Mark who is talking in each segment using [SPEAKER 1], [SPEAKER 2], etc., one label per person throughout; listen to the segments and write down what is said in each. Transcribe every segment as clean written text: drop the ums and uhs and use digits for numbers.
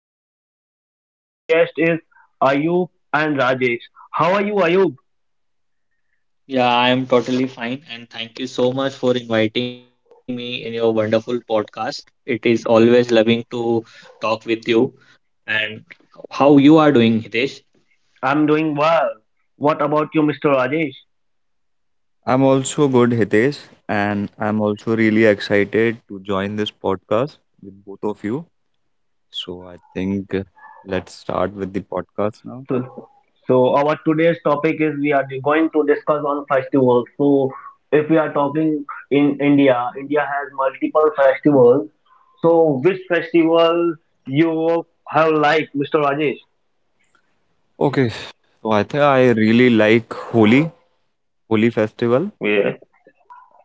[SPEAKER 1] podcast. Our today's guest is Ayub and Rajesh. How are you, Ayub?
[SPEAKER 2] Yeah, I am totally fine. And thank you so much for inviting me in your wonderful podcast. It is always loving to talk with you. And how you are doing, Hitesh?
[SPEAKER 1] I'm doing well. What about you, Mr. Rajesh?
[SPEAKER 3] I'm also good, Hitesh, and I'm also really excited to join this podcast with both of you. So I think let's start with the podcast now.
[SPEAKER 1] So, so, our today's topic is we are going to discuss on festivals. So, if we are talking in India, India has multiple festivals. So, which festival you have liked, Mr. Rajesh?
[SPEAKER 3] Okay, so I think I really like Holi, Holi festival.
[SPEAKER 1] Yeah,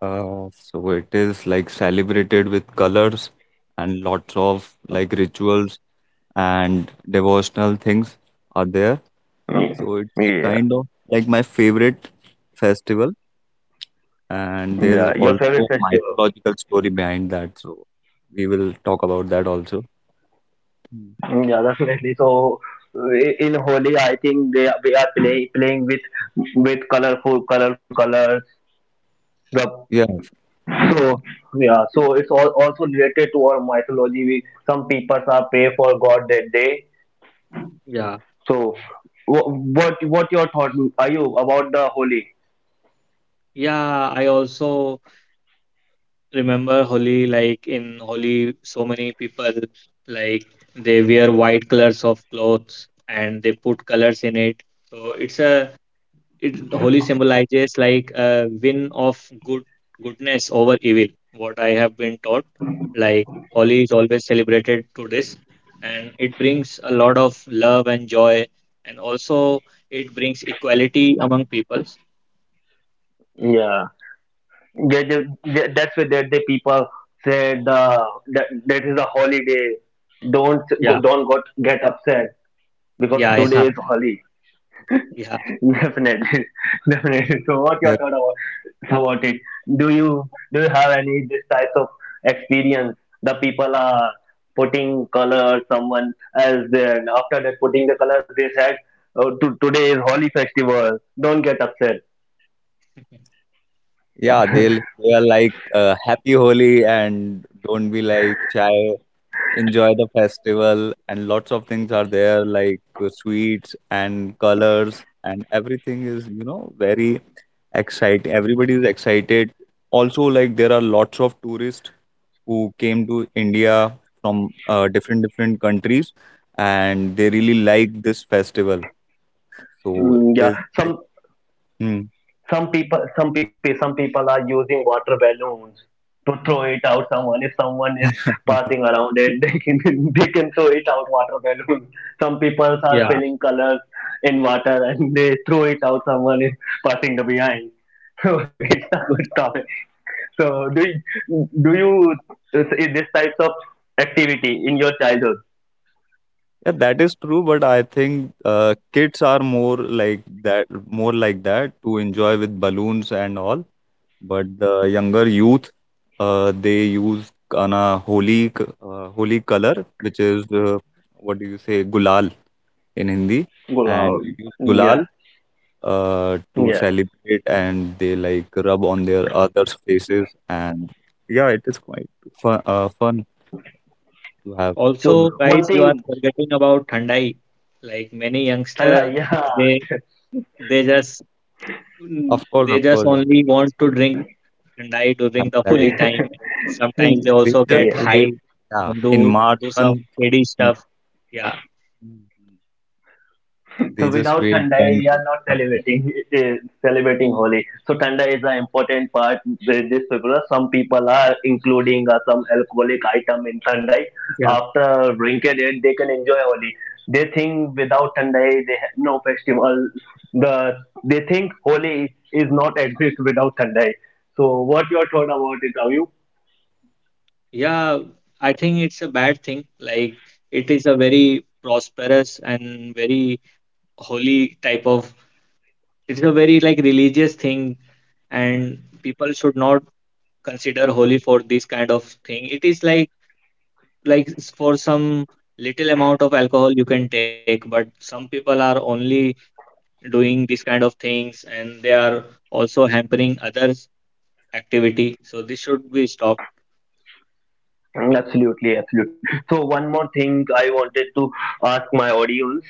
[SPEAKER 3] So it is like celebrated with colors and lots of like rituals and devotional things are there.
[SPEAKER 1] yeah,
[SPEAKER 3] So it's
[SPEAKER 1] yeah,
[SPEAKER 3] kind of like my favorite festival, and there
[SPEAKER 1] yeah.
[SPEAKER 3] is
[SPEAKER 1] Your favorite
[SPEAKER 3] also
[SPEAKER 1] festival?
[SPEAKER 3] mythological story behind that, so we will talk about that also. Hmm.
[SPEAKER 1] Yeah, definitely. So in Holi, I think we are playing with colorful colors. The
[SPEAKER 3] Yeah,
[SPEAKER 1] so Yeah, so it's all also related to our mythology. We, some people are pray for God that day.
[SPEAKER 2] Yeah.
[SPEAKER 1] So wh- what your thought are you about the Holi?
[SPEAKER 2] Yeah, I also remember Holi, in Holi, so many people like they wear white colors of clothes and they put colors in it. So it's a it holy symbolizes like a win of good goodness over evil. What I have been taught, like Holi is always celebrated to this, and it brings a lot of love and joy, and also it brings equality among peoples.
[SPEAKER 1] Yeah, they, they, that's why that the people say the that that is a holiday. Don't
[SPEAKER 2] Yeah,
[SPEAKER 1] don't got get upset because
[SPEAKER 2] yeah,
[SPEAKER 1] today is Holi.
[SPEAKER 2] yeah, yeah,
[SPEAKER 1] Definitely, definitely. So, what your
[SPEAKER 3] yeah,
[SPEAKER 1] thought about it? Do you have any this types of experience? The people are putting color someone as their after that putting the color they said, oh, today is Holi festival. Don't get upset.
[SPEAKER 3] yeah, they are like happy holy, and don't be like shy, enjoy the festival, and lots of things are there like sweets and colors, and everything is, you know, very exciting, everybody is excited. Also, like there are lots of tourists who came to India from different different countries, and they really like this festival. So
[SPEAKER 1] Mm,
[SPEAKER 3] it
[SPEAKER 1] yeah,
[SPEAKER 3] is like,
[SPEAKER 1] some
[SPEAKER 3] hmm.
[SPEAKER 1] Some people, some people, some people are using water balloons to throw it out. Someone, if someone is passing around it, they can they can throw it out. Water balloon. Some people are
[SPEAKER 2] yeah.
[SPEAKER 1] filling colors in water and they throw it out. Someone is passing the behind. So it's a good topic. So do you, do you is this types of activity in your childhood?
[SPEAKER 3] Yeah, that is true, but I think kids are more like that to enjoy with balloons and all. But the younger youth, they use kana holy, holy color, which is what do you say, gulal in Hindi, and
[SPEAKER 1] Gulab.
[SPEAKER 3] they use
[SPEAKER 1] Yeah,
[SPEAKER 3] gulal to
[SPEAKER 1] yeah.
[SPEAKER 3] celebrate, and they like rub on their others' faces and yeah, it is quite fun to have. Mm.
[SPEAKER 2] Also,
[SPEAKER 1] So one
[SPEAKER 2] guys, you are
[SPEAKER 1] thing,
[SPEAKER 2] forgetting about Thandai. Like many
[SPEAKER 1] and
[SPEAKER 2] youngster,
[SPEAKER 1] yeah,
[SPEAKER 2] they they just they
[SPEAKER 3] Of
[SPEAKER 2] just
[SPEAKER 3] course, yeah.
[SPEAKER 2] only want to drink and die during
[SPEAKER 3] And
[SPEAKER 2] the
[SPEAKER 3] like,
[SPEAKER 2] holy time. Sometimes
[SPEAKER 1] yeah,
[SPEAKER 2] they
[SPEAKER 3] they
[SPEAKER 2] also
[SPEAKER 3] just
[SPEAKER 2] get
[SPEAKER 1] yeah.
[SPEAKER 3] wait.
[SPEAKER 2] high
[SPEAKER 3] Yeah,
[SPEAKER 2] and
[SPEAKER 3] in
[SPEAKER 2] do
[SPEAKER 3] March
[SPEAKER 2] do
[SPEAKER 3] month,
[SPEAKER 2] some shady
[SPEAKER 3] mm,
[SPEAKER 2] stuff. Yeah,
[SPEAKER 3] they
[SPEAKER 1] So
[SPEAKER 3] just
[SPEAKER 1] without
[SPEAKER 3] wait
[SPEAKER 1] Thanda, we
[SPEAKER 3] and go
[SPEAKER 1] are
[SPEAKER 3] to
[SPEAKER 1] not
[SPEAKER 3] something.
[SPEAKER 1] celebrating uh, celebrating Holi. So Thanda is an important part. With This people, some people are including some alcoholic item in Thanda.
[SPEAKER 2] yeah,
[SPEAKER 1] After drinking it, they can enjoy Holi. They think without Thanda, they have no festival. The they think Holi is not exist without Thanda. So what your thought about it, are you?
[SPEAKER 2] yeah. I think it's a bad thing. Like it is a very prosperous and very holy type of. It's a very like religious thing, and people should not consider holy for this kind of thing. It is like for some little amount of alcohol you can take, but some people are only doing these kind of things and they are also hampering others activity, so this should be stopped.
[SPEAKER 1] Absolutely, absolutely. So one more thing I wanted to ask my audience.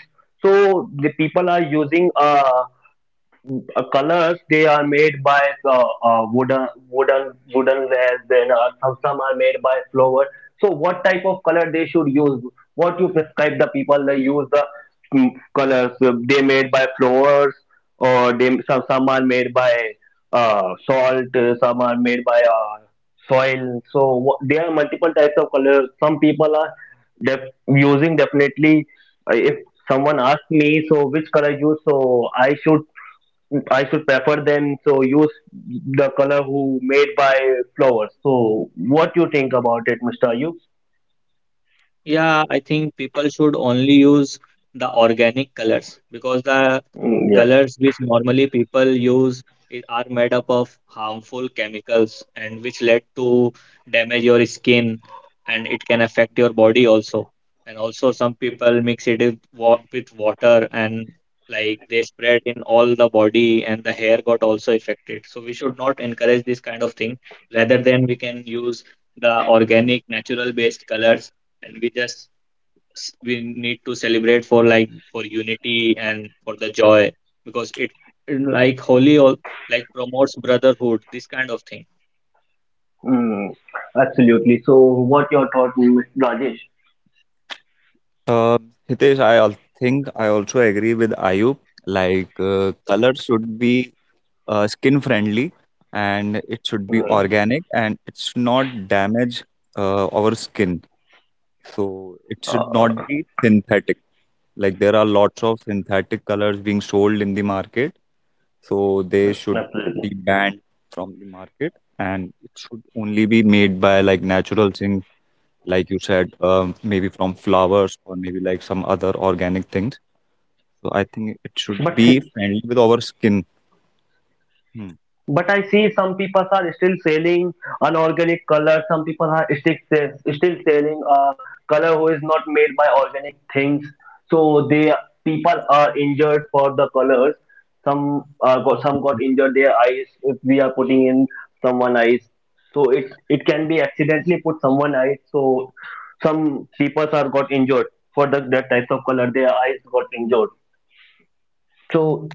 [SPEAKER 1] So the people are using colors they are made by wooden wooden wares, then some are made by flower. So what type of color they should use, what you prescribe the people they use the mm, colors they made by flowers or they some are made by salt, some are made by soil. So what, there are multiple types of colors, some people are using definitely. If someone asks me, so which color you use, so I should prefer, then so use the color who made by flowers. So what you think about it, Mr. Ayub?
[SPEAKER 2] Yeah, I think people should only use the organic colors, because the
[SPEAKER 1] Yeah.
[SPEAKER 2] colors which normally people use it are made up of harmful chemicals and which led to damage your skin, and it can affect your body also. And also some people mix it with wa with water and like they spread in all the body and the hair got also affected. So we should not encourage this kind of thing. Rather than we can use the organic natural based colors, and we just we need to celebrate for like for unity and for the joy, because it like holy or like promotes brotherhood, this kind of thing.
[SPEAKER 1] Mm, absolutely. So what your thought, Mr. Rajesh?
[SPEAKER 3] Uh, Hitesh, I think I also agree with Ayub. Like, color should be skin friendly, and it should be
[SPEAKER 1] Mm,
[SPEAKER 3] organic, and it should not damage our skin. So it should not
[SPEAKER 1] Uh,
[SPEAKER 3] be synthetic. Like there are lots of synthetic colors being sold in the market, so they should be
[SPEAKER 1] absolutely.
[SPEAKER 3] banned from the market, and it should only be made by like natural things, like you said, maybe from flowers or maybe like some other organic things. So I think it
[SPEAKER 1] but
[SPEAKER 3] should be friendly with our skin. Hmm.
[SPEAKER 1] But I see some people are still selling unorganic color. Some people are still selling a color who is not made by organic things. So they people are injured for the colors. Some got some got injured their eyes if we are putting in someone eyes. So it can be accidentally put someone eyes. So some people are got injured for the that types of color. Their eyes got injured. So.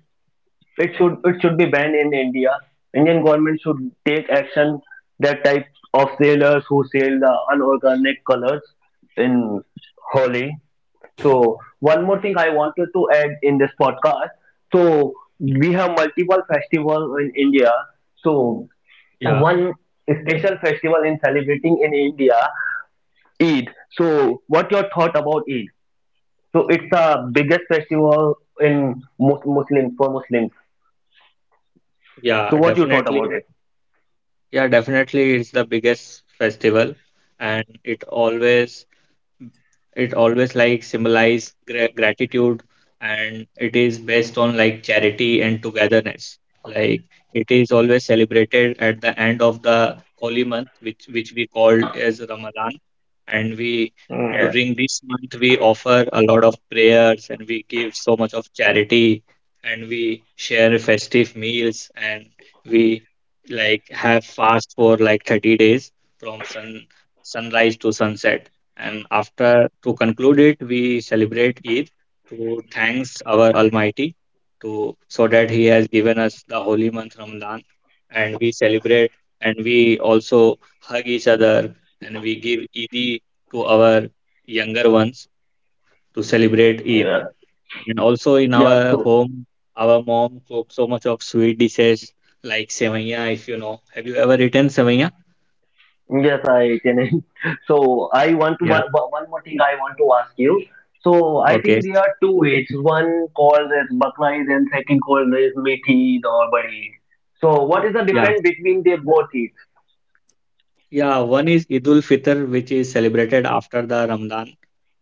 [SPEAKER 1] It should be banned in India. Indian government should take action that type of sailors who sell the unorganic colors in Holi. So one more thing I wanted to add in this podcast. So we have multiple festivals in India. So
[SPEAKER 2] Yeah,
[SPEAKER 1] one special festival in celebrating in India, Eid. So what your thought about Eid? So it's the biggest festival in Muslim, for Muslims. So
[SPEAKER 2] yeah,
[SPEAKER 1] what you thought about
[SPEAKER 2] definitely. Yeah, definitely it's the biggest festival, and it always like symbolize gratitude, and it is based on like charity and togetherness. Like it is always celebrated at the end of the holy month, which we called as Ramadan, and we
[SPEAKER 1] it?
[SPEAKER 2] during this month we offer a lot of prayers and we give so much of charity, and we share festive meals, and we like have fast for like 30 days from sunrise to sunset, and after, to conclude it, we celebrate Eid to thanks our Almighty, to so that he has given us the holy month Ramadan. And we celebrate and we also hug each other, and we give Eid to our younger ones to celebrate Eid.
[SPEAKER 1] Yeah.
[SPEAKER 2] And also, in
[SPEAKER 1] Yeah.
[SPEAKER 2] our
[SPEAKER 1] So
[SPEAKER 2] home, our mom cooked so much of sweet dishes like sevaiya, if you know. Have you ever eaten sevaiya?
[SPEAKER 1] yes, I can. So I want to
[SPEAKER 2] Yeah.
[SPEAKER 1] one, one more thing I want to ask you. So I
[SPEAKER 2] Okay.
[SPEAKER 1] think there are two ways. One called as Bakrais and second called as Methi or Badi. So what is the
[SPEAKER 2] Yeah.
[SPEAKER 1] difference between the both? Is?
[SPEAKER 2] Yeah. One is Idul Fitr, which is celebrated after the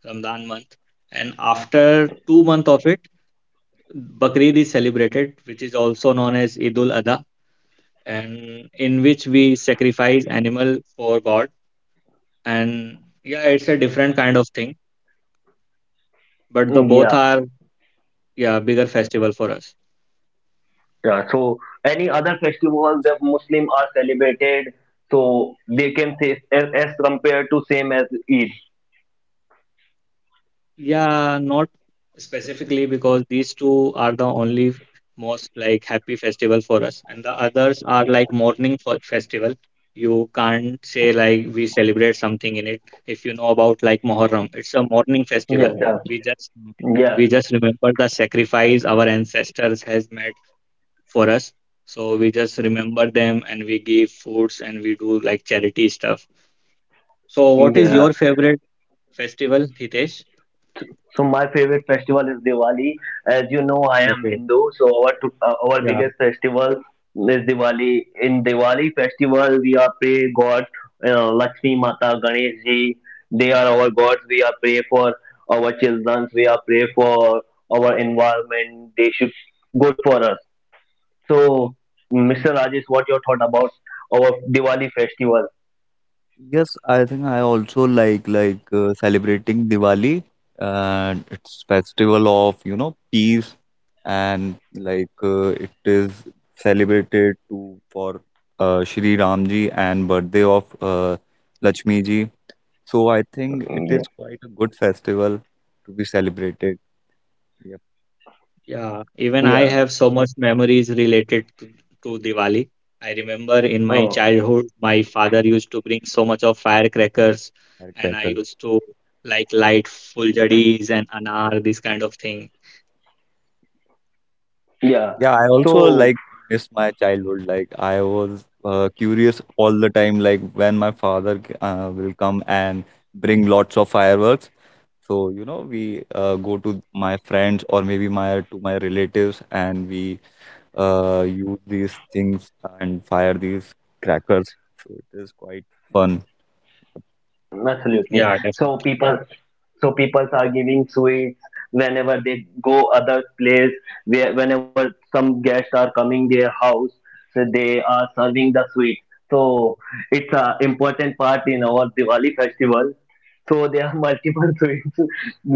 [SPEAKER 2] Ramadan month. And after 2 months of it, Bakrid is celebrated, which is also known as Idul Adha, and in which we sacrifice animal for God. And yeah, it's a different kind of thing, but the both
[SPEAKER 1] Yeah.
[SPEAKER 2] are yeah bigger festival for us.
[SPEAKER 1] Yeah. So any other festival the Muslim are celebrated, so they can say as compared to same as Eid.
[SPEAKER 2] Yeah, not specifically, because these two are the only most like happy festival for us, and the others are like mourning for festival. You can't say like we celebrate something in it. If you know about like Muharram, it's a mourning
[SPEAKER 1] Yeah,
[SPEAKER 2] festival.
[SPEAKER 1] yeah.
[SPEAKER 2] We just
[SPEAKER 1] Yeah.
[SPEAKER 2] we just remember the sacrifice our ancestors has made for us. So we just remember them, and we give foods and we do like charity stuff. So what is
[SPEAKER 1] Yeah.
[SPEAKER 2] your favorite festival, Hitesh?
[SPEAKER 1] So my favorite festival is Diwali. As you know, I am
[SPEAKER 2] Okay.
[SPEAKER 1] Hindu, so our
[SPEAKER 2] Yeah.
[SPEAKER 1] biggest festival is Diwali. In Diwali festival, we are pray God, Lakshmi Mata, Ganesh Ji. They are our gods. We are pray for our children. We are pray for our environment. They should good for us. So, Mr. Rajesh, what your thought about our Diwali festival?
[SPEAKER 3] Yes, I think I also like celebrating Diwali, and it's festival of, you know, peace, and like it is celebrated to for Shri Ramji and birthday of Lakshmi ji. So I think it
[SPEAKER 1] Yeah.
[SPEAKER 3] is quite a good festival to be celebrated. Yep,
[SPEAKER 2] Yeah, even I
[SPEAKER 1] Yeah.
[SPEAKER 2] have so much memories related to Diwali. I remember in my
[SPEAKER 1] Oh,
[SPEAKER 2] childhood, my father used to bring so much of firecrackers, and I
[SPEAKER 3] firecracker.
[SPEAKER 2] used to like light fuljaris and anar, this kind of thing.
[SPEAKER 1] yeah.
[SPEAKER 3] Yeah, I also
[SPEAKER 1] So.
[SPEAKER 3] like miss my childhood. Like I was curious all the time, like when my father will come and bring lots of fireworks. So, you know, we go to my friends or maybe my relatives, and we use these things and fire these crackers. So it is quite fun.
[SPEAKER 1] Absolutely.
[SPEAKER 2] Yeah,
[SPEAKER 1] So
[SPEAKER 2] definitely.
[SPEAKER 1] people, so people are giving sweets whenever they go other place. Where whenever some guests are coming their house, so they are serving the sweets. So it's a important part in our Diwali festival. So there are multiple sweets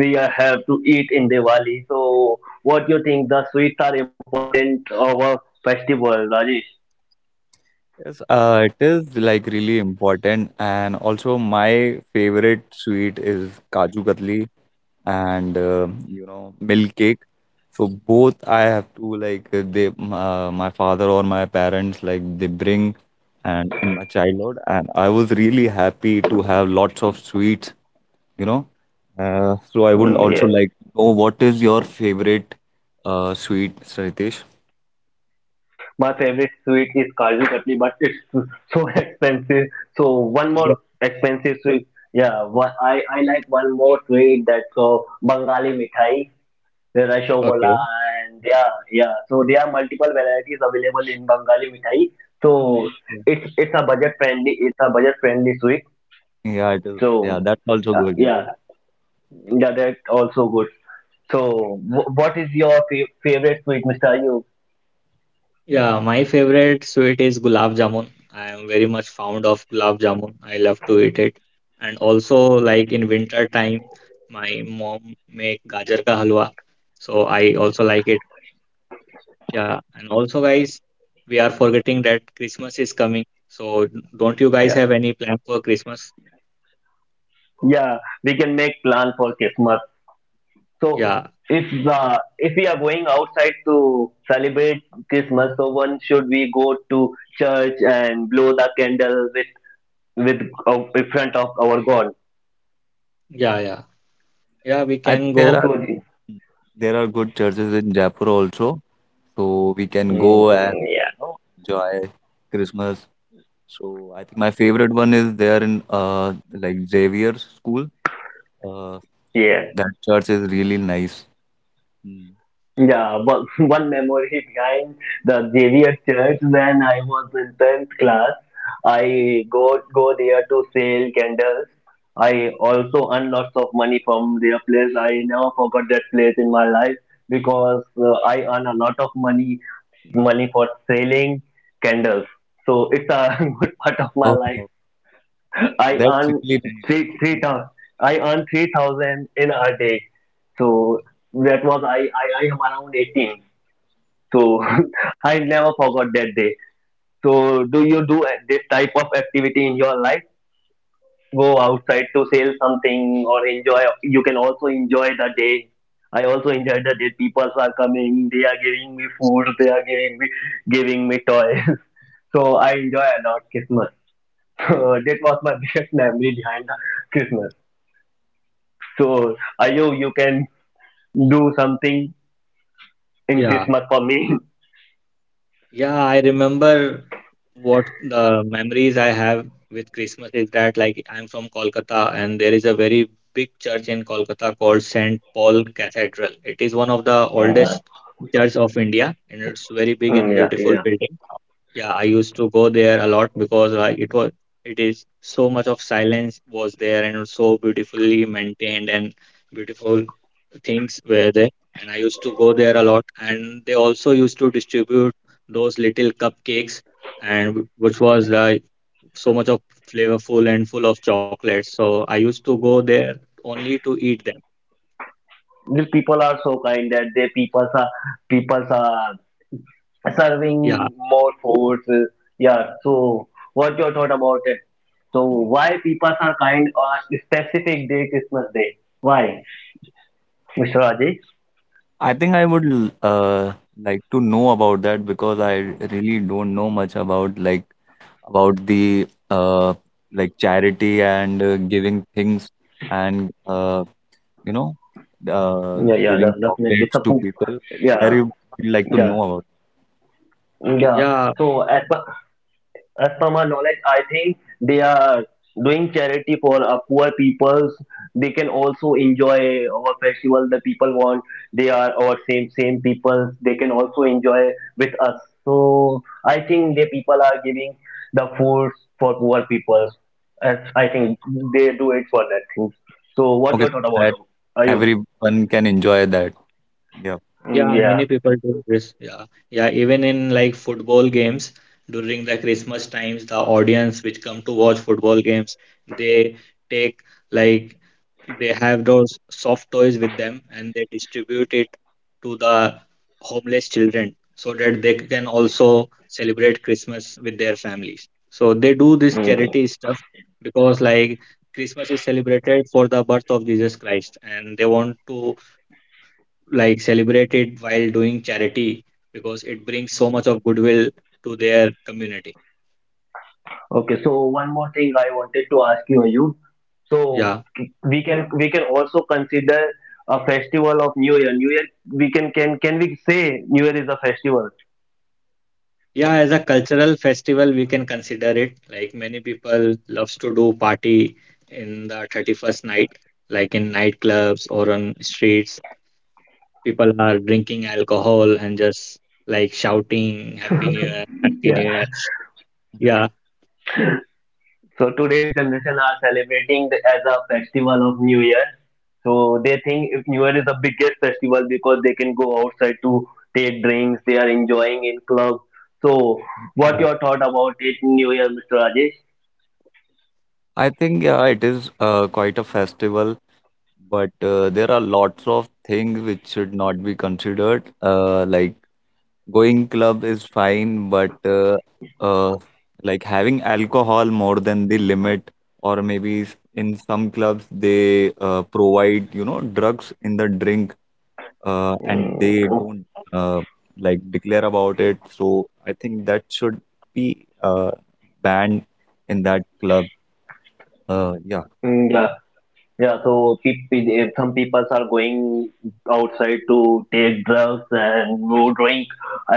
[SPEAKER 1] have to eat in Diwali. So what do you think? The sweets are important of our festival, Rajesh?
[SPEAKER 3] Yes, it is like really important. And also my favorite sweet is Kaju Katli and you know milk cake. So both I have to like they my father or my parents like they bring, and in my childhood, and I was really happy to have lots of sweets, you know. So I would also
[SPEAKER 1] Mm,
[SPEAKER 3] like to know what is your favorite sweet, Saritesh?
[SPEAKER 1] My favorite sweet is Kaju Katli, but it's so expensive. So one
[SPEAKER 2] Yeah.
[SPEAKER 1] more expensive sweet. Yeah, one, I like one more sweet, that's called Bengali Mithai, the Rashogola,
[SPEAKER 2] Okay.
[SPEAKER 1] and yeah, yeah. So there are multiple varieties available in Bengali Mithai. So
[SPEAKER 2] Yeah.
[SPEAKER 1] it's a budget friendly sweet.
[SPEAKER 3] Yeah, it is. Yeah,
[SPEAKER 1] So
[SPEAKER 3] that's also
[SPEAKER 1] uh,
[SPEAKER 3] good. Yeah,
[SPEAKER 1] yeah, yeah, that's also good. So what is your favorite sweet, Mr. Ayub?
[SPEAKER 2] Yeah, my favorite sweet is gulab jamun. I am very much fond of gulab jamun. I love to eat it. And also, like in winter time, my mom make gajar ka halwa. So I also like it. Yeah, and also, guys, we are forgetting that Christmas is coming. So, don't you guys
[SPEAKER 1] Yeah.
[SPEAKER 2] have any plan for Christmas?
[SPEAKER 1] Yeah, we can make plan for Christmas. So
[SPEAKER 2] Yeah,
[SPEAKER 1] if we are going outside to celebrate Christmas, so one should we go to church and blow the candle with in front of our God?
[SPEAKER 2] yeah, yeah. Yeah, we
[SPEAKER 3] I think
[SPEAKER 2] can
[SPEAKER 3] there
[SPEAKER 1] So
[SPEAKER 3] are
[SPEAKER 2] go.
[SPEAKER 3] there are good churches in Jaipur also, so we can go and,
[SPEAKER 1] yeah,
[SPEAKER 3] you know, enjoy Christmas. So I think my favorite one is there in like Xavier's school. Uh,
[SPEAKER 1] yeah.
[SPEAKER 3] that church is really nice. Mm.
[SPEAKER 1] Yeah, but one memory behind the Xavier Church when I was in 10th class. I go there to sell candles. I also earn lots of money from their place. I never forgot that place in my life because I earn a lot of money for selling candles. So it's a good part of my
[SPEAKER 3] Oh,
[SPEAKER 1] life.
[SPEAKER 3] oh,
[SPEAKER 1] I
[SPEAKER 3] that's
[SPEAKER 1] earn
[SPEAKER 3] really nice.
[SPEAKER 1] three
[SPEAKER 3] Mm.
[SPEAKER 1] thousand. I earn 3,000 in a day. So that was I am around 18. So I never forgot that day. So do this type of activity in your life? Go outside to sell something or enjoy. You can also enjoy the day. I also enjoy the day. People are coming. They are giving me food. They are giving me toys. So I enjoy a lot Christmas. So that was my biggest memory behind the Christmas. So, Ayo, you can do something in
[SPEAKER 2] Yeah.
[SPEAKER 1] Christmas for me.
[SPEAKER 2] Yeah, I remember what the memories I have with Christmas is that like I'm from Kolkata, and there is a very big church in Kolkata called St. Paul Cathedral. It is one of the oldest
[SPEAKER 1] Mhm.
[SPEAKER 2] church of India, and it's very big and beautiful
[SPEAKER 1] Yeah.
[SPEAKER 2] building. Yeah, I used to go there a lot because like it is so much of silence was there, and it's so beautifully maintained and beautiful things were there. And I used to go there a lot, and they also used to distribute those little cupcakes, and which was so much of flavorful and full of chocolate. So I used to go there only to eat them.
[SPEAKER 1] The people are so kind that they people are serving
[SPEAKER 2] Yeah,
[SPEAKER 1] more foods. Yeah. So, what your thought about it? So, why people are kind on specific day, Christmas day? Why, Mr. Rajesh?
[SPEAKER 3] I think I would like to know about that, because I really don't know much about like about the like charity and giving things and you know uh
[SPEAKER 1] Yeah, yeah,
[SPEAKER 3] giving
[SPEAKER 1] definitely.
[SPEAKER 3] chocolates to people. I
[SPEAKER 1] Yeah,
[SPEAKER 3] really would like to
[SPEAKER 1] yeah,
[SPEAKER 3] know about.
[SPEAKER 1] yeah.
[SPEAKER 2] yeah.
[SPEAKER 1] So, as per my knowledge, I think they are doing charity for poor peoples. They can also enjoy our festival. The people want they are our same peoples. They can also enjoy with us. So I think the people are giving the food for poor peoples. As I think they do it for that thing. So what
[SPEAKER 3] Okay,
[SPEAKER 1] your thought about,
[SPEAKER 3] that.
[SPEAKER 1] Ayub?
[SPEAKER 3] Everyone can enjoy that. Yeah.
[SPEAKER 2] Yeah,
[SPEAKER 1] Yeah.
[SPEAKER 2] many people do this. Yeah, yeah. Even in like football games during the Christmas times, the audience which come to watch football games, they take like they have those soft toys with them, and they distribute it to the homeless children so that they can also celebrate Christmas with their families. So they do this
[SPEAKER 1] Okay.
[SPEAKER 2] charity stuff because like Christmas is celebrated for the birth of Jesus Christ, and they want to like celebrate it while doing charity because it brings so much of goodwill to their community.
[SPEAKER 1] Okay, so one more thing I wanted to ask you, Ayub. So
[SPEAKER 2] Yeah.
[SPEAKER 1] we can also consider a festival of New Year. New Year, we can we say New Year is a festival?
[SPEAKER 2] Yeah, as a cultural festival, we can consider it. Like many people loves to do party in the 31st night, like in nightclubs or on streets. People are drinking alcohol and just like shouting Happy New Year, Happy New
[SPEAKER 1] Yeah.
[SPEAKER 2] Year. Yeah,
[SPEAKER 1] So today's generation are celebrating the, as a festival of New Year. So they think if New Year is the biggest festival because they can go outside to take drinks, they are enjoying in clubs. So what
[SPEAKER 2] yeah,
[SPEAKER 1] your thought about it, New Year, Mr. Rajesh?
[SPEAKER 3] I think yeah, it is quite a festival, but there are lots of things which should not be considered. Like going club is fine, but uh, like having alcohol more than the limit, or maybe in some clubs they provide, you know, drugs in the drink, and they
[SPEAKER 1] Mm,
[SPEAKER 3] don't uh, like declare about it. So I think that should be banned in that club. Yeah.
[SPEAKER 1] yeah. Yeah, so some people are going outside to take drugs and who drink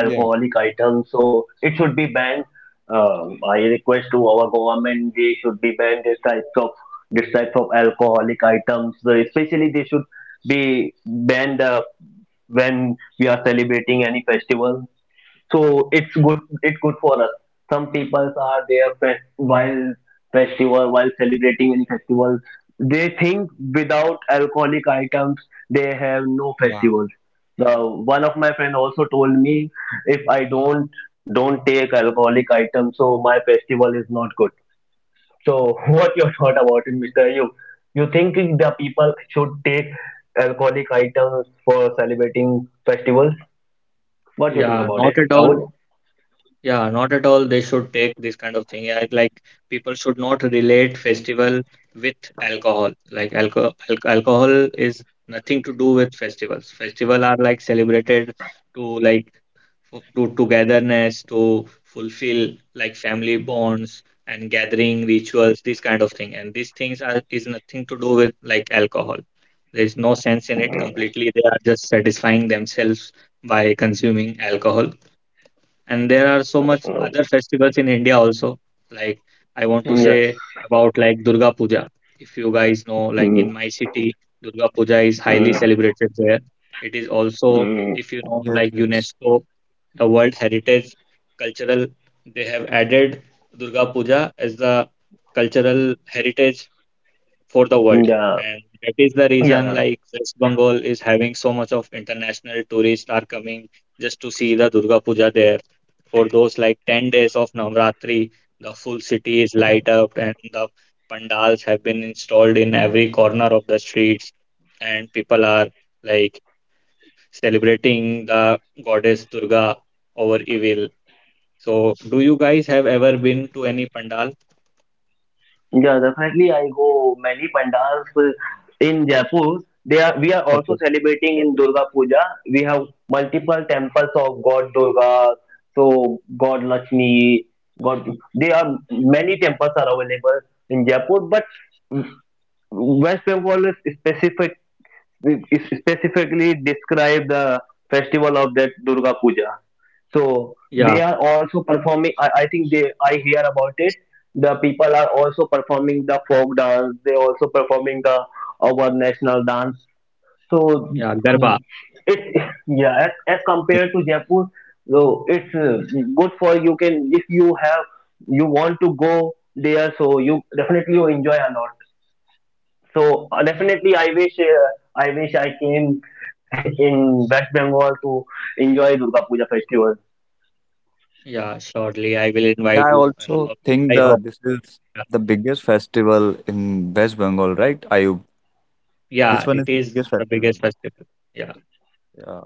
[SPEAKER 3] Yeah,
[SPEAKER 1] items, so it should be banned. I request to our government they should be banned this types of alcoholic items. So especially they should be banned when we are celebrating any festival, so it's good for us. Some people are there while celebrating any festival they think without alcoholic items they have no
[SPEAKER 3] yeah,
[SPEAKER 1] festivals. The one of my friend also told me if I don't take alcoholic items so my festival is not good. So what your thought about it, mr, you think the people should take alcoholic items for celebrating festivals, what do you think
[SPEAKER 2] yeah,
[SPEAKER 1] about it,
[SPEAKER 2] not at all.
[SPEAKER 1] Avod?
[SPEAKER 2] Yeah, not at all. They should take this kind of thing. Like people should not relate festival with alcohol. Alcohol is nothing to do with festivals. Festival are like celebrated to togetherness, to fulfill like family bonds and gathering rituals, this kind of thing. And these things are is nothing to do with like alcohol. There is no sense in it completely. They are just satisfying themselves by consuming alcohol, and there are so much other festivals in India also. Like I want to
[SPEAKER 1] Yeah.
[SPEAKER 2] say about like Durga Puja. If you guys know, like in
[SPEAKER 1] Mm,
[SPEAKER 2] my city, Durga Puja is highly
[SPEAKER 1] mm,
[SPEAKER 2] celebrated there. It is also,
[SPEAKER 1] mm,
[SPEAKER 2] if you know,
[SPEAKER 3] yes,
[SPEAKER 2] like
[SPEAKER 3] yes.
[SPEAKER 2] UNESCO, the World Heritage Cultural, they have added Durga Puja as the cultural heritage for the world.
[SPEAKER 1] yeah,
[SPEAKER 2] And that is the reason
[SPEAKER 1] yeah,
[SPEAKER 2] like West Bengal is having so much of international tourists are coming just to see the Durga Puja there. For those like 10 days of Navratri, the full city is light up, and the pandals have been installed in every corner of the streets, and people are like celebrating the goddess Durga over evil. So do you guys have ever been to any pandal?
[SPEAKER 1] yeah. Definitely, I go many pandals in Jaipur. They are. We are also
[SPEAKER 2] Okay.
[SPEAKER 1] celebrating in Durga Puja. We have multiple temples of God Durga, so God Lakshmi, God. There are many temples are available in Jaipur, but West Bengal is specific, we specifically describe the festival of that Durga Puja. So
[SPEAKER 2] Yeah,
[SPEAKER 1] they are also performing. I think they I hear about it. The people are also performing the folk dance. They also performing the our national dance. So
[SPEAKER 2] yeah, Garba.
[SPEAKER 1] it as
[SPEAKER 3] Yeah,
[SPEAKER 1] compared to Jaipur, so it's good for you can if you have you want to go there. So you definitely you enjoy a lot. So definitely, I wish I came in West Bengal to enjoy Durga Puja festival.
[SPEAKER 2] Yeah, shortly I will
[SPEAKER 3] yeah,
[SPEAKER 2] invite
[SPEAKER 3] I
[SPEAKER 2] you,
[SPEAKER 3] also think
[SPEAKER 2] I
[SPEAKER 3] the
[SPEAKER 2] hope.
[SPEAKER 3] this is
[SPEAKER 2] Yeah,
[SPEAKER 3] the biggest festival in West Bengal, right, Ayub? This
[SPEAKER 2] yeah,
[SPEAKER 3] one is
[SPEAKER 2] it
[SPEAKER 3] the
[SPEAKER 2] is
[SPEAKER 3] biggest
[SPEAKER 2] the
[SPEAKER 3] festival.
[SPEAKER 2] biggest festival. Yeah.
[SPEAKER 3] Yeah.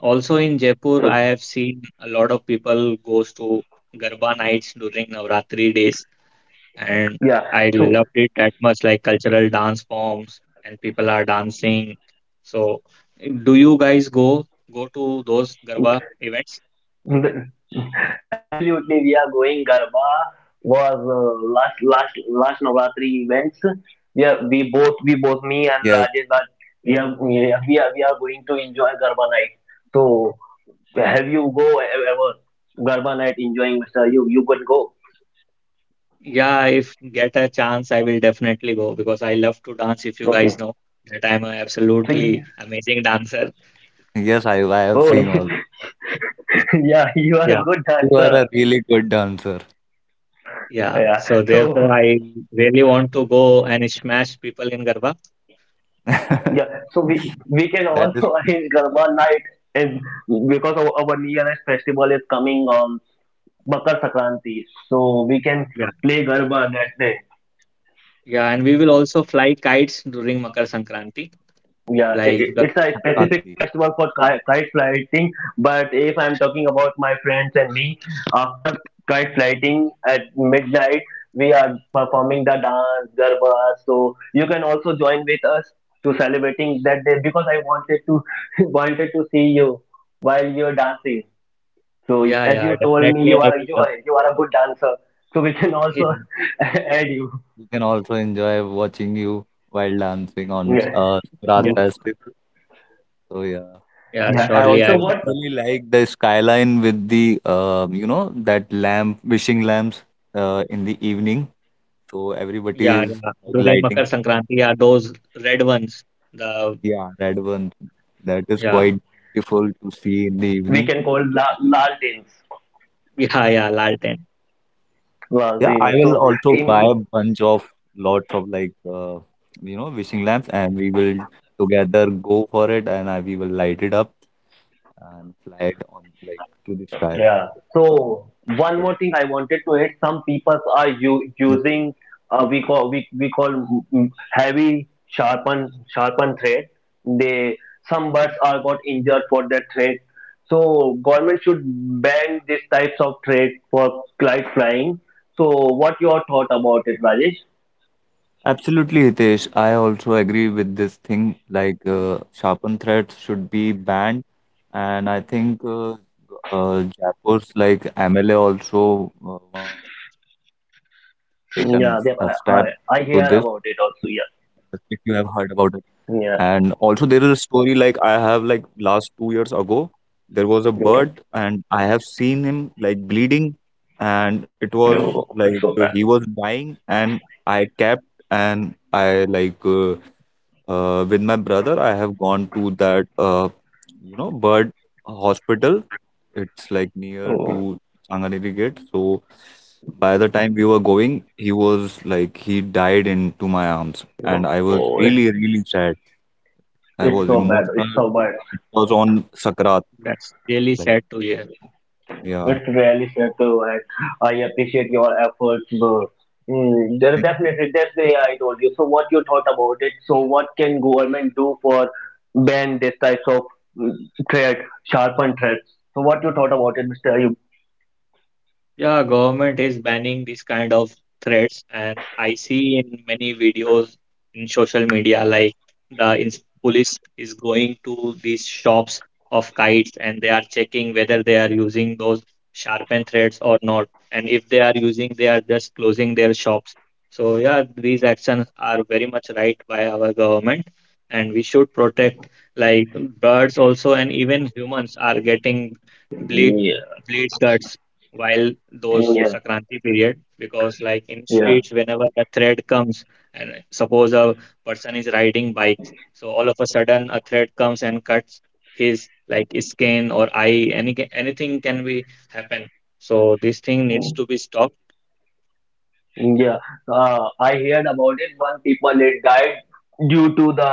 [SPEAKER 2] Also in Jaipur, I
[SPEAKER 1] So
[SPEAKER 2] have seen a lot of people goes to Garba nights during Navratri days, and
[SPEAKER 1] yeah,
[SPEAKER 2] I
[SPEAKER 1] so
[SPEAKER 2] loved it that much, like cultural dance forms and people are dancing. So, do you guys go to those Garba events?
[SPEAKER 1] the- absolutely, we are going Garba was last Navratri events. We both, me and
[SPEAKER 3] Yes,
[SPEAKER 1] Rajesh Raj, we are going to enjoy Garba night. So have you ever Garba night enjoying? Mister, you could go.
[SPEAKER 2] Yeah, if get a chance, I will definitely go because I love to dance. If you
[SPEAKER 1] Okay.
[SPEAKER 2] guys know that I'm an
[SPEAKER 1] See.
[SPEAKER 2] absolutely amazing dancer.
[SPEAKER 3] yes, I have
[SPEAKER 1] Oh,
[SPEAKER 2] So,
[SPEAKER 3] seen all.
[SPEAKER 1] Yeah, you are a
[SPEAKER 2] yeah,
[SPEAKER 1] good
[SPEAKER 3] You are
[SPEAKER 1] dancer.
[SPEAKER 3] a really good dancer. Mm.
[SPEAKER 2] yeah.
[SPEAKER 1] Yeah.
[SPEAKER 2] So therefore,
[SPEAKER 1] So
[SPEAKER 2] I really want to go and smash people in Garba.
[SPEAKER 1] yeah, so we can
[SPEAKER 3] That is
[SPEAKER 1] also arrange Garba night if because our nearest festival is coming on Makar Sankranti. So we can
[SPEAKER 2] Yeah,
[SPEAKER 1] play Garba that day.
[SPEAKER 2] yeah. And we will also fly kites during Makar Sankranti.
[SPEAKER 1] Yeah,
[SPEAKER 3] yeah,
[SPEAKER 2] Like the
[SPEAKER 1] it's a
[SPEAKER 2] yeah,
[SPEAKER 1] specific
[SPEAKER 3] Sankranti.
[SPEAKER 1] festival for kite flying. But if I'm talking about my friends and me, after kite flying at midnight, we are performing the dance Garba, so you can also join with us to celebrating that day, because I wanted to wanted to see you while you're dancing. So
[SPEAKER 2] yeah,
[SPEAKER 1] as
[SPEAKER 2] yeah.
[SPEAKER 1] you told me, you
[SPEAKER 2] Definitely, I
[SPEAKER 1] are
[SPEAKER 2] will
[SPEAKER 1] you
[SPEAKER 2] come.
[SPEAKER 1] are you are a good dancer, so we can
[SPEAKER 2] Yeah,
[SPEAKER 1] also add you.
[SPEAKER 3] You can also enjoy watching you while dancing on
[SPEAKER 1] Yeah.
[SPEAKER 3] Raat
[SPEAKER 2] yeah.
[SPEAKER 1] Mm.
[SPEAKER 3] Festival. So yeah,
[SPEAKER 2] Yeah,
[SPEAKER 3] I
[SPEAKER 1] yeah
[SPEAKER 2] surely,
[SPEAKER 1] so
[SPEAKER 2] I
[SPEAKER 3] also
[SPEAKER 2] will
[SPEAKER 1] what
[SPEAKER 2] come.
[SPEAKER 3] really like the skyline with the you know that lamp, wishing lamps in the evening. So everybody
[SPEAKER 2] Yeah,
[SPEAKER 3] is
[SPEAKER 2] yeah.
[SPEAKER 3] like,
[SPEAKER 2] During Makar
[SPEAKER 3] lighting,
[SPEAKER 2] Sankranti, yeah, those red ones. The
[SPEAKER 3] yeah, red one. That is
[SPEAKER 2] yeah,
[SPEAKER 3] quite beautiful to see in the
[SPEAKER 1] we
[SPEAKER 3] evening.
[SPEAKER 1] can call lal dance.
[SPEAKER 2] yeah, yeah. Lal.
[SPEAKER 1] well,
[SPEAKER 3] Yeah, I
[SPEAKER 1] the,
[SPEAKER 3] will
[SPEAKER 1] so
[SPEAKER 3] also buy
[SPEAKER 1] in,
[SPEAKER 3] a bunch of lots of like you know wishing lamps, and we will together go for it, and we will light it up and fly it on like to the sky.
[SPEAKER 1] yeah. So one
[SPEAKER 3] So,
[SPEAKER 1] more thing I wanted to add: some people are
[SPEAKER 3] yeah.
[SPEAKER 1] using we call we call heavy sharpened thread. They Some birds are got injured for that thread. So government should ban these types of thread for kite flying. So what your thought about it, Rajesh?
[SPEAKER 3] Absolutely, Hitesh. I also agree with this thing. Like sharpened threads should be banned, and I think Jaipur's like MLA also one time taken a step
[SPEAKER 1] Mm.
[SPEAKER 3] to
[SPEAKER 1] Yeah,
[SPEAKER 3] this.
[SPEAKER 1] then I hear about it
[SPEAKER 3] If you
[SPEAKER 1] also.
[SPEAKER 3] have heard about it. And also
[SPEAKER 1] Yeah,
[SPEAKER 3] there is a story like I have like last 2 years ago, there was a bird,
[SPEAKER 1] yeah.
[SPEAKER 3] and I have seen him like bleeding, and it was
[SPEAKER 1] Oh, it's
[SPEAKER 3] like
[SPEAKER 1] so bad.
[SPEAKER 3] he was dying, and I kept and I like with my brother, I have gone to that you know bird hospital. It's like near
[SPEAKER 1] Oh.
[SPEAKER 3] to Sanganeri gate. So by the time we were going, he was like he died into my arms, and I was
[SPEAKER 1] Oh.
[SPEAKER 3] really really sad. I
[SPEAKER 1] It's
[SPEAKER 3] was
[SPEAKER 1] so bad. It's
[SPEAKER 3] emotional.
[SPEAKER 1] so bad.
[SPEAKER 3] It was on Sakrat.
[SPEAKER 2] That's really
[SPEAKER 3] Like
[SPEAKER 2] sad to hear.
[SPEAKER 3] yeah,
[SPEAKER 1] It's really sad too, and I appreciate your efforts, bro. Mm, there
[SPEAKER 3] thank you.
[SPEAKER 1] definitely that's the way I told you. So what you thought about it? So what can government do for ban this types of mm, threat, sharpened threats? So what you thought about it, Mister Ayub?
[SPEAKER 2] Yeah, government is banning these kind of threats, and I see in many videos in social media like the ins police is going to these shops of kites, and they are checking whether they are using those sharpened threads or not. And if they are using, they are just closing their shops. So yeah, these actions are very much right by our government, and we should protect like birds also, and even humans are getting bleed
[SPEAKER 1] Yeah,
[SPEAKER 2] bleed cuts while those
[SPEAKER 1] yeah,
[SPEAKER 2] Sakranti period, because like in
[SPEAKER 1] yeah.
[SPEAKER 2] streets whenever a threat comes and suppose a person is riding bikes, so all of a sudden a threat comes and cuts his like skin or eye, any anything can be happen, so this thing needs to be stopped.
[SPEAKER 1] Yeah, I heard about it. One people it died due to the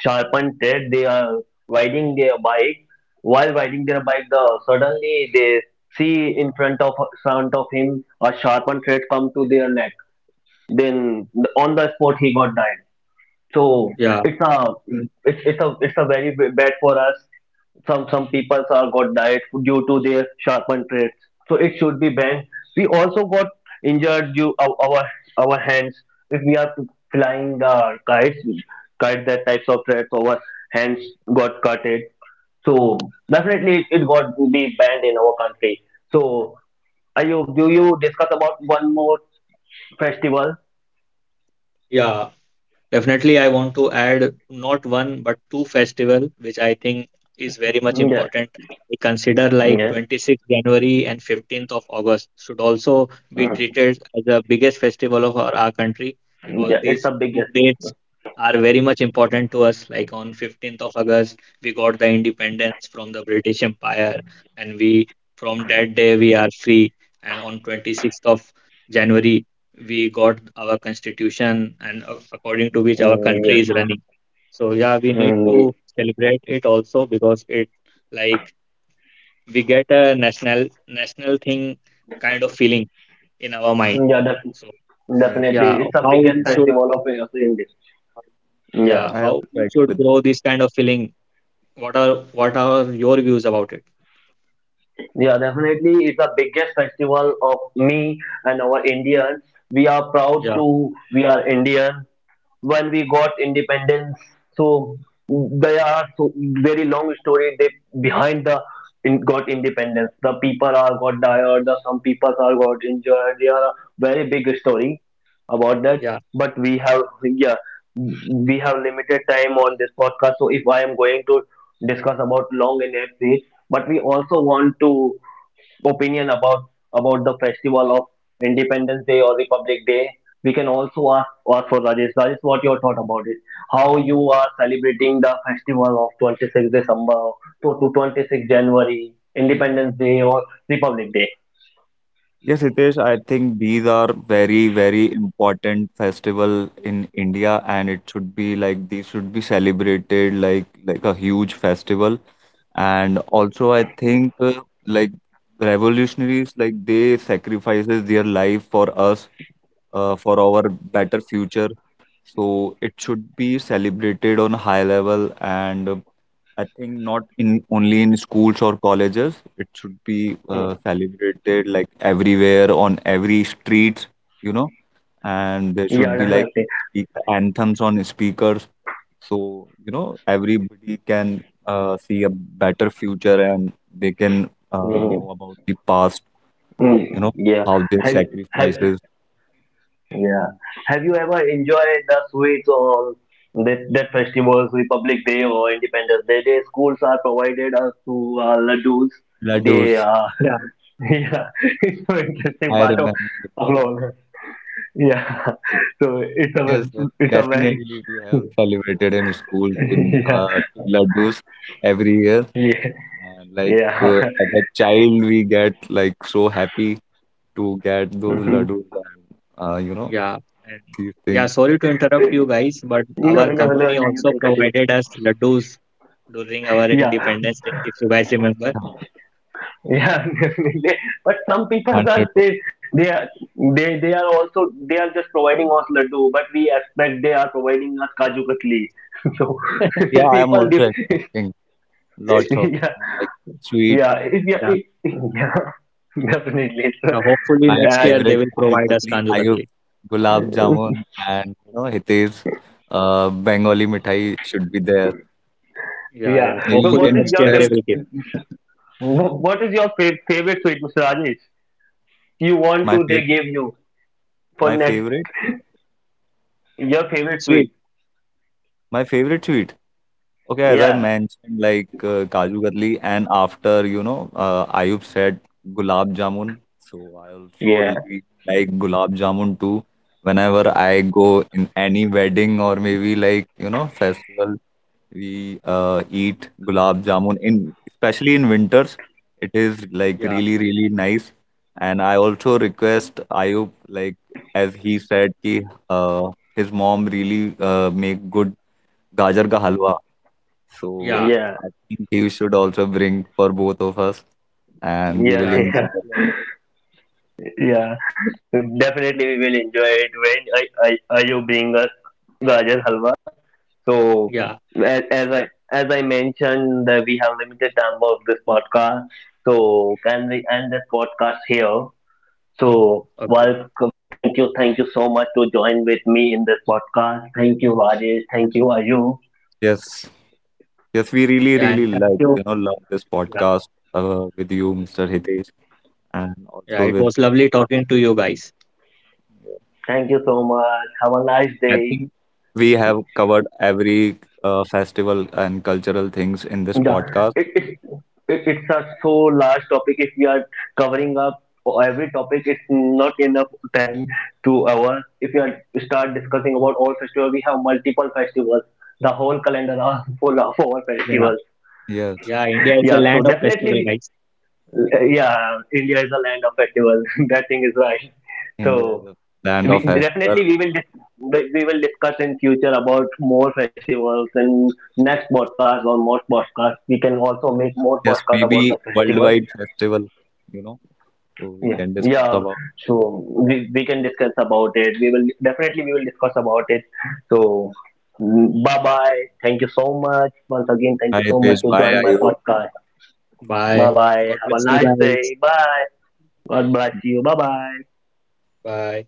[SPEAKER 1] sharpened thread. They are riding their bike. While riding their bike, the suddenly they see in front of him a sharpened thread come to their neck. Then on the spot he got died. So
[SPEAKER 2] Yeah,
[SPEAKER 1] it's a it's a very bad for us. Some people are got died due to their sharpened trades. So it should be banned. We also got injured due our hands if we are flying the kites, kite that types of threads. Our hands got cutted. So definitely got to be banned in our country. So Ayub, do you discuss about one more festival?
[SPEAKER 2] yeah, definitely, I want to add not one but two festival, which I think is very much
[SPEAKER 1] Yeah,
[SPEAKER 2] important. We consider like
[SPEAKER 1] yeah,
[SPEAKER 2] 26th January and 15th of August should also be
[SPEAKER 1] Mm.
[SPEAKER 2] treated as the biggest festival of our country, because
[SPEAKER 1] Yeah. It's
[SPEAKER 2] these
[SPEAKER 1] a big
[SPEAKER 2] two
[SPEAKER 1] festival.
[SPEAKER 2] dates are very much important to us. Like on 15th of August, we got the independence from the British Empire, and we from that day we are free. And on 26th of January, we got our constitution, and a- according to which our
[SPEAKER 1] Mm,
[SPEAKER 2] country
[SPEAKER 1] yes.
[SPEAKER 2] is running. So yeah, we need to
[SPEAKER 1] Mm,
[SPEAKER 2] celebrate it also because it like we get a national thing kind of feeling in our mind.
[SPEAKER 1] yeah, that.
[SPEAKER 2] So
[SPEAKER 3] Yes,
[SPEAKER 2] yeah,
[SPEAKER 1] Definitely, it's the
[SPEAKER 2] how
[SPEAKER 1] biggest
[SPEAKER 2] we should
[SPEAKER 1] festival of India. Yeah,
[SPEAKER 2] yeah
[SPEAKER 3] I also
[SPEAKER 2] how we
[SPEAKER 3] agree
[SPEAKER 2] should
[SPEAKER 3] with.
[SPEAKER 2] grow this kind of feeling. What are your views about it?
[SPEAKER 1] yeah, definitely, it's the biggest festival of me and our Indians. We are proud
[SPEAKER 2] Yeah,
[SPEAKER 1] to we are Indian. When we got independence, so they are so very long story they behind the got independence, the people are got tired, the some people are got injured, they are a very big story about that.
[SPEAKER 2] yeah,
[SPEAKER 1] But we have, yeah, we have limited time on this podcast, so if I am going to discuss about long in history, but we also want to opinion about the festival of Independence Day or Republic Day, we can also ask, ask for Rajesh. Rajesh, what your thought about it? How you are celebrating the festival of 26th December to 26th January, Independence Day or Republic Day?
[SPEAKER 3] Yes, Hitesh, I think these are very, very important festival in India, and it should be like these should be celebrated like a huge festival. And also, I think like revolutionaries, like they sacrifices their life for us, for our better future. So it should be celebrated on high level, and I think not in only in schools or colleges. It should be
[SPEAKER 1] Mm.
[SPEAKER 3] celebrated like everywhere on every street, you know, and there
[SPEAKER 1] Yeah,
[SPEAKER 3] should be like
[SPEAKER 1] definitely.
[SPEAKER 3] speak anthems on speakers, so you know everybody can see a better future, and they can
[SPEAKER 1] Mm.
[SPEAKER 3] know about the past, you know,
[SPEAKER 1] Mm. Yeah.
[SPEAKER 3] how their
[SPEAKER 1] Have, have,
[SPEAKER 3] sacrifices,
[SPEAKER 1] yeah.
[SPEAKER 3] mm,
[SPEAKER 1] Have you ever enjoyed the sweets on that festivals, Republic Day or Independence Day? They schools are provided us to laddus. They
[SPEAKER 3] laddus.
[SPEAKER 2] yeah.
[SPEAKER 1] yeah, it's an interesting
[SPEAKER 3] I
[SPEAKER 1] part of
[SPEAKER 3] remember.
[SPEAKER 1] upload. Yeah, so
[SPEAKER 3] Yes, yes,
[SPEAKER 1] it's a very
[SPEAKER 3] definitely. We have celebrated in school with
[SPEAKER 1] yeah
[SPEAKER 3] two laddus every year,
[SPEAKER 1] yeah
[SPEAKER 3] and like
[SPEAKER 1] yeah.
[SPEAKER 3] as a child, we get like so happy to get those
[SPEAKER 1] Mhm.
[SPEAKER 3] laddus and you know
[SPEAKER 2] Yeah, and
[SPEAKER 3] these
[SPEAKER 2] yeah,
[SPEAKER 3] things.
[SPEAKER 2] sorry to interrupt you guys, but our
[SPEAKER 1] No, no, no,
[SPEAKER 2] company
[SPEAKER 1] no. You
[SPEAKER 2] also
[SPEAKER 1] can continue.
[SPEAKER 2] provided us laddus during our
[SPEAKER 1] Yeah.
[SPEAKER 2] Independence Day, if you guys remember.
[SPEAKER 3] Yeah,
[SPEAKER 1] Yeah, definitely. But some people are
[SPEAKER 3] 100%.
[SPEAKER 1] they are they are also they are just providing us laddu, but we expect they are providing us kaju katli. So
[SPEAKER 3] Yeah, I am
[SPEAKER 1] people,
[SPEAKER 3] also
[SPEAKER 1] they,
[SPEAKER 3] expecting lots of
[SPEAKER 1] yeah,
[SPEAKER 3] like sweet.
[SPEAKER 1] yeah, it, yeah,
[SPEAKER 2] Yeah,
[SPEAKER 1] it, yeah, definitely. So,
[SPEAKER 2] yeah, hopefully
[SPEAKER 3] My
[SPEAKER 2] next
[SPEAKER 1] I,
[SPEAKER 2] year they
[SPEAKER 3] favorite
[SPEAKER 2] will
[SPEAKER 3] Kaju
[SPEAKER 2] provide us
[SPEAKER 3] Katli,
[SPEAKER 2] Kanju
[SPEAKER 3] Ayub,
[SPEAKER 2] Katli.
[SPEAKER 3] Gulab Jamun, and you know Hitesh, Bengali mithai should be there.
[SPEAKER 2] Yeah,
[SPEAKER 1] yeah.
[SPEAKER 2] yeah,
[SPEAKER 3] Maybe
[SPEAKER 1] So
[SPEAKER 3] we
[SPEAKER 2] hopefully
[SPEAKER 1] what
[SPEAKER 3] can
[SPEAKER 1] is
[SPEAKER 2] next
[SPEAKER 1] your
[SPEAKER 2] year they
[SPEAKER 3] request
[SPEAKER 2] will give.
[SPEAKER 1] what is your favorite sweet, Mr. Rajesh? You want
[SPEAKER 3] my
[SPEAKER 1] to
[SPEAKER 3] fav
[SPEAKER 1] they give you for
[SPEAKER 3] my
[SPEAKER 1] next
[SPEAKER 3] favorite.
[SPEAKER 1] your favorite
[SPEAKER 2] Sweet.
[SPEAKER 1] sweet?
[SPEAKER 3] My favorite sweet. Okay, as I
[SPEAKER 1] Yeah,
[SPEAKER 3] mentioned, like Kaju Katli, and after you know, Ayub said Gulab Jamun. So I also
[SPEAKER 1] yeah,
[SPEAKER 3] really like Gulab Jamun too. Whenever I go in any wedding or maybe like you know festival, we eat Gulab Jamun. In especially in winters, it is like
[SPEAKER 2] Yeah,
[SPEAKER 3] really really nice. And I also request Ayub, like as he said, ki uh, his mom really make good gajar ka halwa. So
[SPEAKER 2] yeah,
[SPEAKER 1] yeah,
[SPEAKER 3] I think you should also bring for both of us, and we
[SPEAKER 1] yeah.
[SPEAKER 3] will
[SPEAKER 2] yeah,
[SPEAKER 1] yeah.
[SPEAKER 3] enjoy.
[SPEAKER 2] definitely.
[SPEAKER 1] Yeah, so, definitely we will enjoy it when I you bring us gajar halwa. So
[SPEAKER 2] Yeah,
[SPEAKER 1] as I as I mentioned that we have limited time of this podcast. So can we end this podcast here? So
[SPEAKER 2] okay.
[SPEAKER 1] well, thank you so much to join with me in this podcast. Thank you, Rajesh. Thank you, Ayu.
[SPEAKER 3] Yes, yes, we really,
[SPEAKER 2] Yeah,
[SPEAKER 3] really
[SPEAKER 2] and thank
[SPEAKER 3] like,
[SPEAKER 2] you.
[SPEAKER 3] you know, love this
[SPEAKER 2] Yeah,
[SPEAKER 3] podcast with you, Mr. Hitesh, and
[SPEAKER 2] yeah,
[SPEAKER 3] also
[SPEAKER 2] it
[SPEAKER 3] with.
[SPEAKER 2] was lovely talking to you guys.
[SPEAKER 1] Thank you so much. Have a nice
[SPEAKER 3] I
[SPEAKER 1] day.
[SPEAKER 3] think we have covered every festival and cultural things in this
[SPEAKER 1] Yeah,
[SPEAKER 3] podcast.
[SPEAKER 1] it, it, it's a so large topic. If we are covering up every topic, it's not enough time to hours. If you are start discussing about all festivals, we have multiple festivals. The whole calendar are full of all
[SPEAKER 2] Yeah,
[SPEAKER 1] festivals.
[SPEAKER 3] Yes,
[SPEAKER 2] yeah, India is a
[SPEAKER 1] Yeah, so
[SPEAKER 2] land of
[SPEAKER 1] definitely,
[SPEAKER 2] festival,
[SPEAKER 1] we,
[SPEAKER 2] guys.
[SPEAKER 1] yeah, India is a land of festivals. That thing is right.
[SPEAKER 3] India is
[SPEAKER 1] So
[SPEAKER 3] a land of
[SPEAKER 1] we,
[SPEAKER 3] festival.
[SPEAKER 1] definitely we will we will discuss in future about more festivals, and next podcast or more podcast we can also make more
[SPEAKER 3] Yes,
[SPEAKER 1] podcast about the
[SPEAKER 3] maybe
[SPEAKER 1] festival.
[SPEAKER 3] worldwide festival, you know, so we
[SPEAKER 1] Yeah,
[SPEAKER 3] can discuss
[SPEAKER 1] yeah,
[SPEAKER 3] about.
[SPEAKER 1] so we can discuss about it, we will definitely we will discuss about it. So bye bye, thank you so much once again, thank
[SPEAKER 3] Hi,
[SPEAKER 1] you so much
[SPEAKER 3] Hitesh.
[SPEAKER 1] to
[SPEAKER 3] Bye,
[SPEAKER 1] join my
[SPEAKER 3] Ayub.
[SPEAKER 1] podcast. Bye
[SPEAKER 2] Bye.
[SPEAKER 1] bye,
[SPEAKER 2] God
[SPEAKER 1] have a
[SPEAKER 2] bless you
[SPEAKER 1] nice day,
[SPEAKER 2] guys.
[SPEAKER 1] bye. God bless you, bye bye.
[SPEAKER 2] Bye.